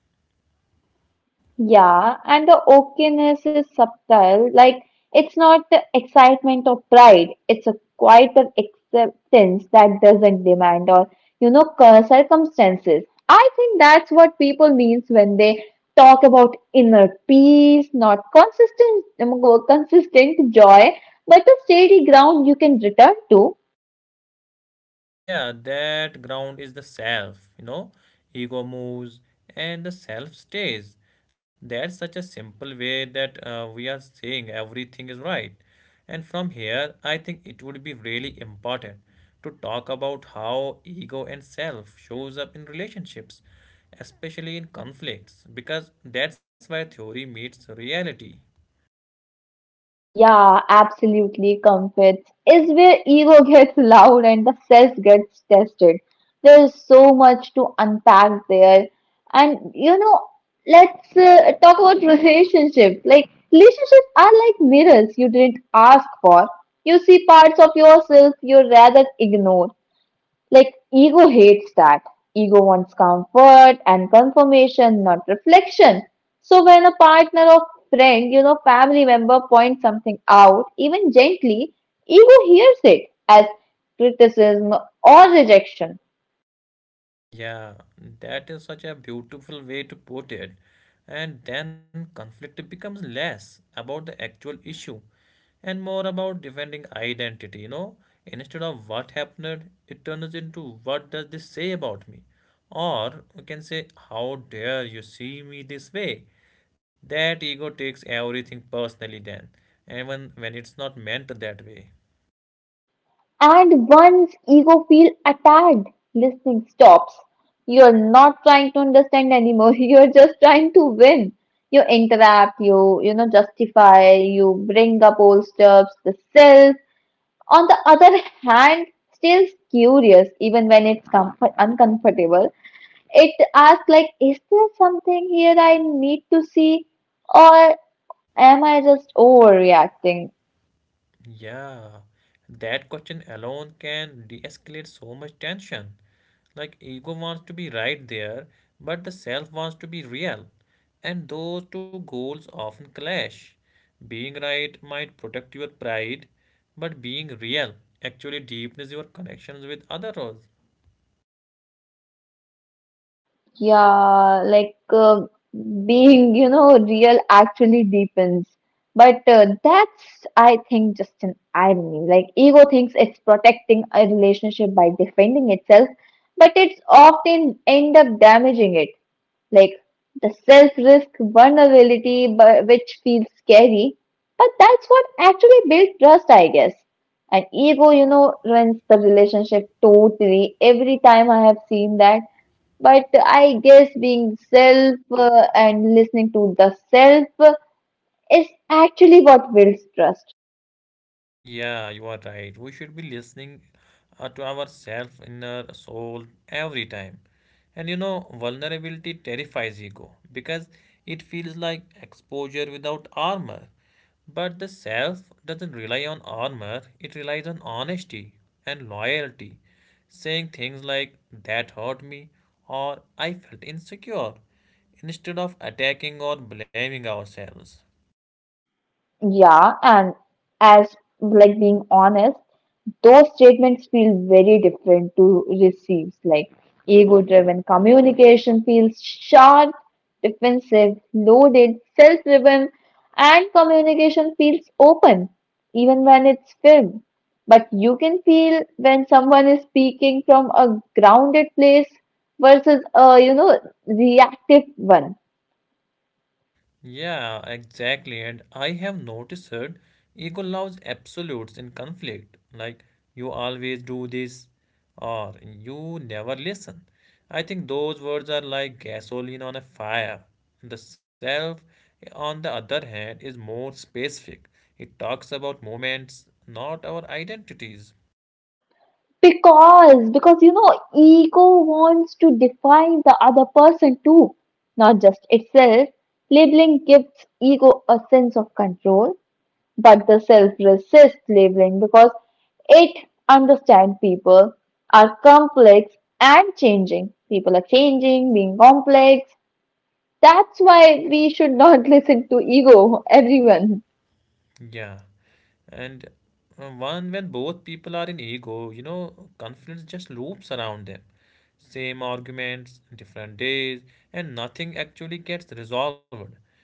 Speaker 2: Yeah, and the okayness is subtle. Like, it's not the excitement or pride. It's a quite an acceptance that doesn't demand or, circumstances. I think that's what people means when they talk about inner peace, not consistent, consistent joy, but a steady ground you can return to.
Speaker 1: Yeah, that ground is the self, you know. Ego moves and the self stays. That's such a simple way that we are saying everything is right. And from here, I think it would be really important to talk about how ego and self shows up in relationships, especially in conflicts, because that's where theory meets reality.
Speaker 2: Yeah, absolutely, Comfits is where ego gets loud and the self gets tested. There is so much to unpack there. And you know, let's talk about relationships. Like, relationships are like mirrors you didn't ask for. You see parts of yourself you rather ignore. Like, ego hates that. Ego wants comfort and confirmation, not reflection. So, when a partner or friend, you know, family member points something out, even gently, ego hears it as criticism or rejection.
Speaker 1: Yeah, that is such a beautiful way to put it. And then conflict becomes less about the actual issue and more about defending identity, you know. Instead of what happened, it turns into what does this say about me? Or we can say, how dare you see me this way? That ego takes everything personally then, even when it's not meant that way.
Speaker 2: And once ego feels attacked, listening stops. You're not trying to understand anymore. You're just trying to win. You interrupt, you know, justify, you bring up old stuff, the self. On the other hand, stays curious even when it's comfort uncomfortable. It asks like, is there something here I need to see, or am I just overreacting?
Speaker 1: Yeah, that question alone can de-escalate so much tension. Like ego wants to be right there, but the self wants to be real, and those two goals often clash. Being right might protect your pride, but being real actually deepens your connections with others.
Speaker 2: Yeah, like being, you know, real actually deepens. But that's, I think, just an irony. Like, ego thinks it's protecting a relationship by defending itself, but it's often end up damaging it. Like, the self-risk vulnerability, but which feels scary. But that's what actually built trust, I guess. And ego, you know, ruins the relationship totally. Every time I have seen that. But I guess being self and listening to the self is actually what builds trust.
Speaker 1: Yeah, you are right. We should be listening to our self inner soul every time. And you know, vulnerability terrifies ego because it feels like exposure without armor. But the self doesn't rely on armor, it relies on honesty and loyalty, saying things like, that hurt me or I felt insecure, instead of attacking or blaming ourselves.
Speaker 2: Yeah, and as like being honest. Those statements feel very different to receives. Like ego driven communication feels sharp, defensive, loaded, self driven, and communication feels open, even when it's filmed. But you can feel when someone is speaking from a grounded place versus a you know reactive one.
Speaker 1: Yeah, exactly. And I have noticed that ego loves absolutes in conflict, like you always do this or you never listen. I think those words are like gasoline on a fire. The self, on the other hand, is more specific. It talks about moments, not our identities.
Speaker 2: Because you know, ego wants to define the other person too, not just itself. Labeling gives ego a sense of control, but the self resists labeling because it understands people are complex and changing. People are changing, being complex. That's why we should not listen to ego, everyone.
Speaker 1: Yeah. And one, when both people are in ego, you know, confidence just loops around them. Same arguments, different days, and nothing actually gets resolved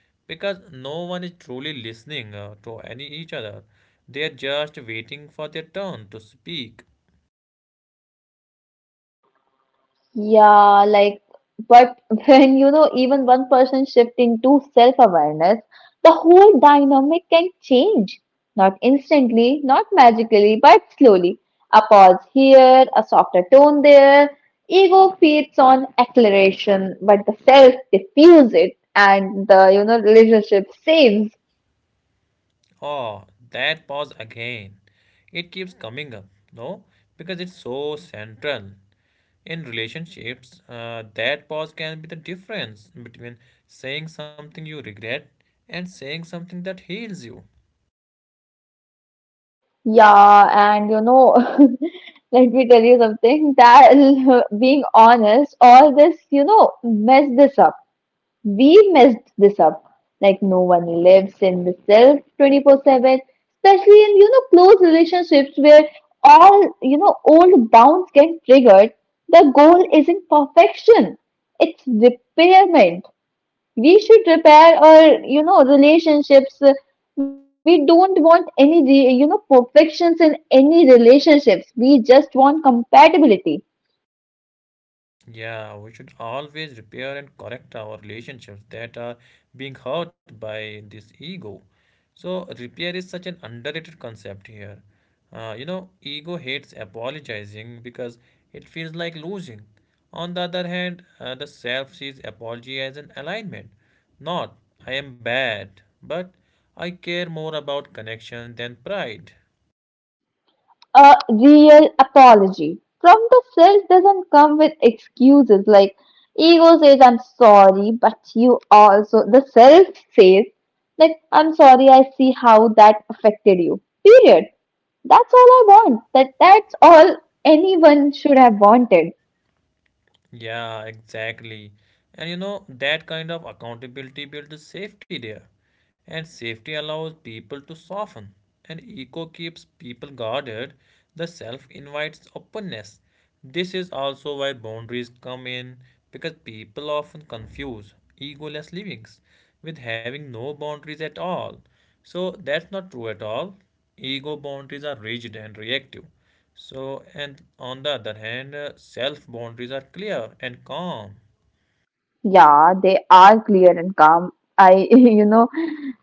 Speaker 1: because no one is truly listening to any each other. They are just waiting for their turn to speak.
Speaker 2: Yeah, like, but when you know, even one person shift into self-awareness, the whole dynamic can change. Not instantly, not magically, but slowly. A pause here, a softer tone there. Ego feeds on acceleration, but the self diffuses it, and the you know relationship saves.
Speaker 1: Oh, that pause again. It keeps coming up, no? Because it's so central. In relationships, that pause can be the difference between saying something you regret and saying something that heals you.
Speaker 2: Yeah, and you know, let me tell you something that being honest, all this you know mess this up. We messed this up. Like no one lives in the self 24/7, especially in you know close relationships where all you know old bounds get triggered. The goal isn't perfection; it's repairment. We should repair our you know relationships. We don't want any re- you know perfections in any relationships. We just want compatibility.
Speaker 1: Yeah, we should always repair and correct our relationships that are being hurt by this ego. So, repair is such an underrated concept here. Ego hates apologizing because it feels like losing. On the other hand, the self sees apology as an alignment. Not, I am bad, but I care more about connection than pride.
Speaker 2: A real apology. From the self doesn't come with excuses like ego says I'm sorry, but you also the self says like I'm sorry, I see how that affected you. Period. That's all I want. That's all anyone should have wanted.
Speaker 1: Yeah, exactly. And you know, that kind of accountability builds safety there. And safety allows people to soften. And ego keeps people guarded. The self invites openness. This is also why boundaries come in because people often confuse egoless livings with having no boundaries at all. So that's not true at all. Ego boundaries are rigid and reactive. So, and on the other hand, self boundaries are clear and calm.
Speaker 2: Yeah, they are clear and calm. I, you know,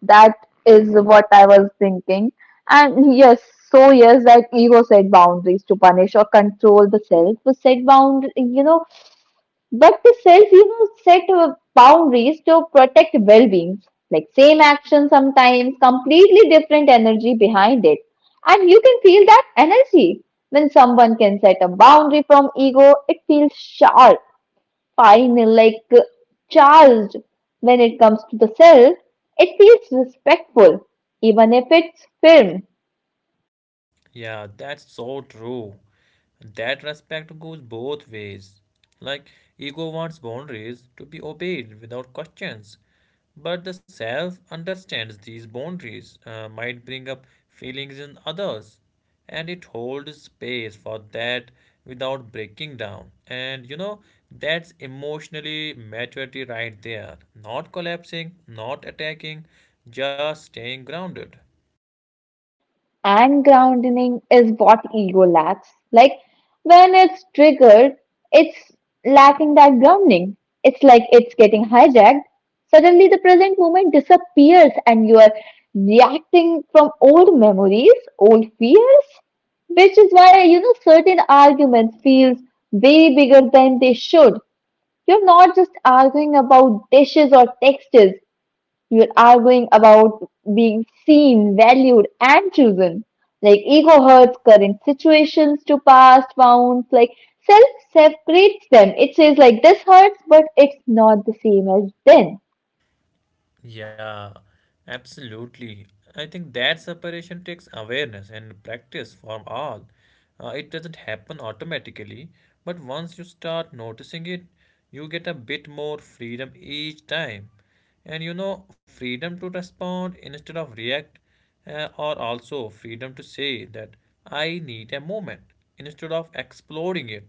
Speaker 2: that is what I was thinking. And yes, so yes, that ego set boundaries to punish or control the self. We set bound, you know, but the self, you know, set boundaries to protect well-being. Like same action sometimes, completely different energy behind it. And you can feel that energy. When someone can set a boundary from ego, it feels sharp. Pine-like, charged. When it comes to the self, it feels respectful, even if it's firm.
Speaker 1: Yeah, that's so true. That respect goes both ways. Like, ego wants boundaries to be obeyed without questions, but the self understands these boundaries might bring up feelings in others, and it holds space for that without breaking down. And you know, that's emotionally maturity right there. Not collapsing, not attacking, just staying grounded.
Speaker 2: And grounding is what ego lacks. Like when it's triggered, it's lacking that grounding. It's like it's getting hijacked. Suddenly, the present moment disappears, and you are reacting from old memories, old fears, which is why you know certain arguments feels way bigger than they should. You're not just arguing about dishes or textures, you're arguing about being seen, valued, and chosen. Like ego hurts current situations to past wounds, like self separates them. It says, like, this hurts, but it's not the same as then.
Speaker 1: Yeah, absolutely. I think that separation takes awareness and practice from all. It doesn't happen automatically, but once you start noticing it, you get a bit more freedom each time. And you know, freedom to respond instead of react, or also freedom to say that I need a moment instead of exploding it.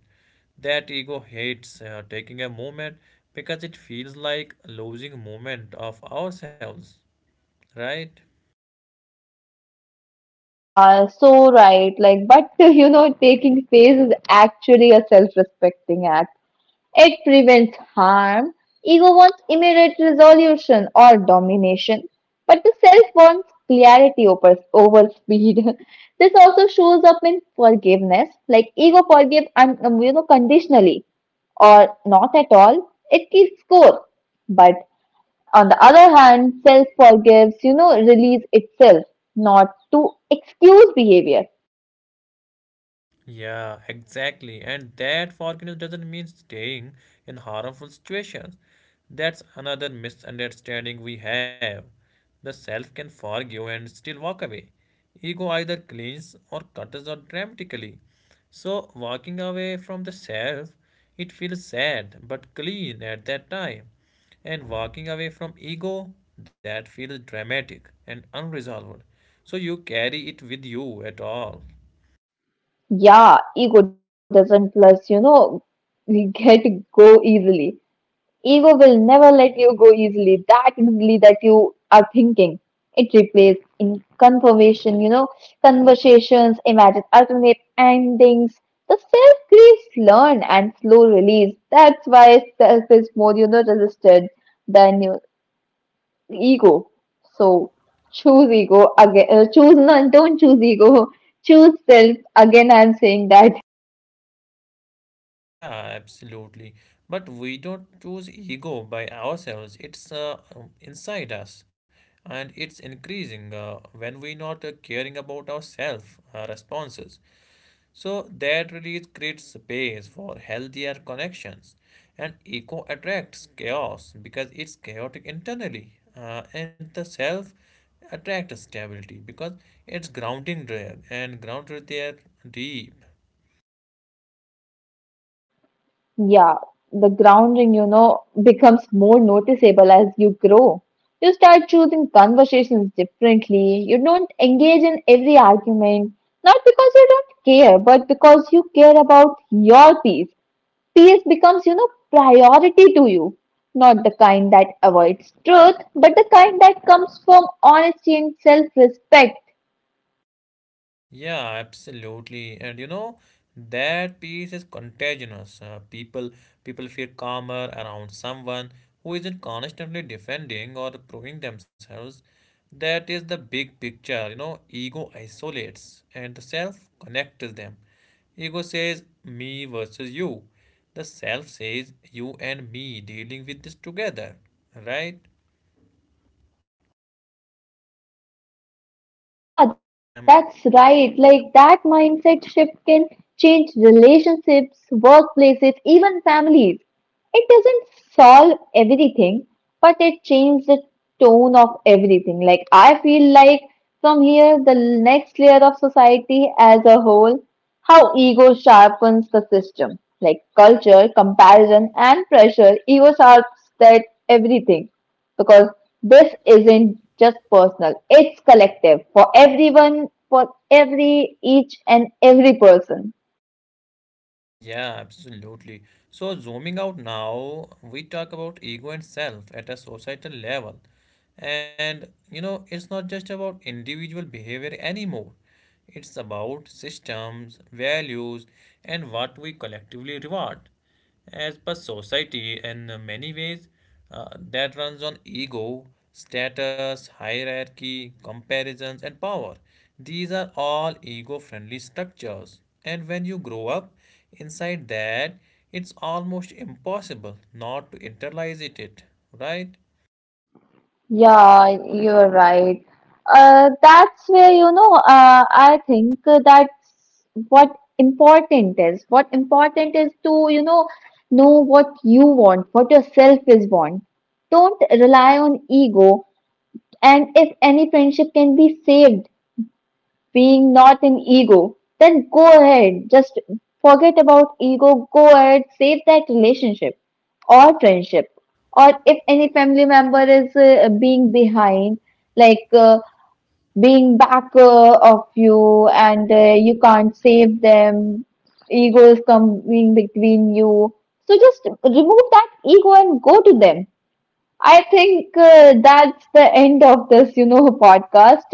Speaker 1: That ego hates taking a moment because it feels like losing moment of ourselves, right?
Speaker 2: Yeah, so right. Like, but you know, taking space is actually a self respecting act. It prevents harm. Ego wants immediate resolution or domination, but the self wants clarity over speed. This also shows up in forgiveness, like ego forgive you know conditionally or not at all. It keeps score, but on the other hand, self forgives you know release itself, not to excuse behavior.
Speaker 1: Yeah, exactly. And that forgiveness doesn't mean staying in harmful situations. That's another misunderstanding we have. The self can forgive and still walk away. Ego either clings or cuts out dramatically. So, walking away from the self, it feels sad but clean at that time. And walking away from ego, that feels dramatic and unresolved. So, you carry it with you at all.
Speaker 2: Yeah, ego doesn't plus you know get go easily. Ego will never let you go easily that you are thinking. It replays in conservation, you know, conversations, imagine alternate endings. The self grieves learn and slow release. That's why self is more, you know, resisted than your ego. So choose ego again. Choose none. Don't choose ego. Choose self. Again, I'm saying that.
Speaker 1: Yeah, absolutely. But we don't choose ego by ourselves. It's inside us, and it's increasing when we're not caring about ourselves, our responses. So that really creates space for healthier connections, and ego attracts chaos because it's chaotic internally, and the self attracts stability because it's grounding there and grounded there deep.
Speaker 2: Yeah, the grounding, you know, becomes more noticeable as you grow. You start choosing conversations differently. You don't engage in every argument, not because you don't care, but because you care about your peace. Peace becomes, you know, priority to you. Not the kind that avoids truth, but the kind that comes from honesty and self respect.
Speaker 1: Yeah, absolutely. And you know, that peace is contagious. People feel calmer around someone who isn't constantly defending or proving themselves. That is the big picture. You know, ego isolates and the self connects them. Ego says me versus you. The self says you and me dealing with this together. Right?
Speaker 2: Yeah,
Speaker 1: I'm
Speaker 2: that's right. Like that mindset shift can change relationships, workplaces, even families. It doesn't solve everything, but it changes the tone of everything. Like I feel like from here, the next layer of society as a whole, how ego sharpens the system. Like culture, comparison, and pressure, ego sharps that everything because this isn't just personal, it's collective for everyone, for every, each and every person.
Speaker 1: yeah, absolutely. So, zooming out now, we talk about ego and self at a societal level. And you know, it's not just about individual behavior anymore, it's about systems, values, and what we collectively reward. As per society, in many ways, that runs on ego, status, hierarchy, comparisons, and power. These are all ego friendly structures. And when you grow up inside that, it's almost impossible not to internalize it, right?
Speaker 2: Yeah, you're right. That's where, you know, I think that's what important is. What important is to, you know what you want, what yourself is want. Don't rely on ego. And if any friendship can be saved, being not an ego, then go ahead. Just forget about ego. Go ahead, save that relationship or friendship. Or if any family member is being behind, like being back of you and you can't save them, ego is coming between you. So just remove that ego and go to them. I think
Speaker 1: Ye-
Speaker 2: that's the end of this, you know, podcast.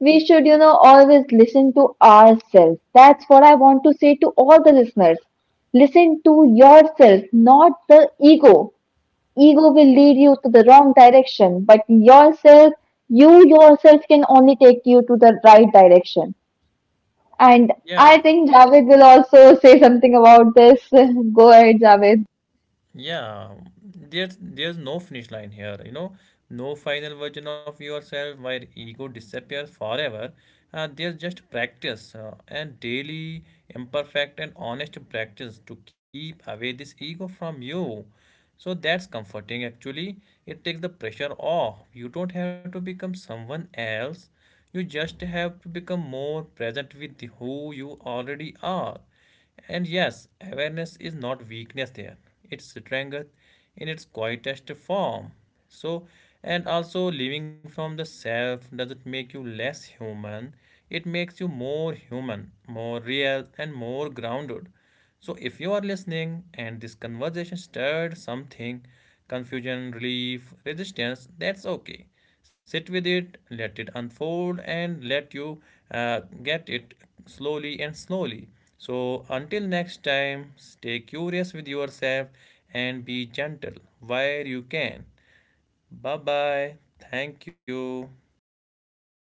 Speaker 2: We should, you know, always listen to ourselves. That's what I want to say to all the listeners. Listen to yourself, not the ego. Ego will lead you to the wrong direction, but yourself, you yourself can only take you to the right direction. And
Speaker 1: yeah.
Speaker 2: I think Javed will also say something about this. Go ahead, Javed.
Speaker 1: Yeah, there's no finish line here, you know, no final version of yourself where ego disappears forever. There's just practice and daily imperfect and honest practice to keep away this ego from you. So that's comforting actually. It takes the pressure off. You don't have to become someone else. You just have to become more present with who you already are. And yes, awareness is not weakness there. It's strength in its quietest form. So, and also living from the self doesn't make you less human. It makes you more human, more real, and more grounded. So, if you are listening and this conversation stirred something confusion, relief, resistance that's okay. Sit with it, let it unfold, and let you get it slowly and slowly. So, until next time, stay curious with yourself and be gentle where you can. Bye bye. Thank you.
Speaker 2: Bye.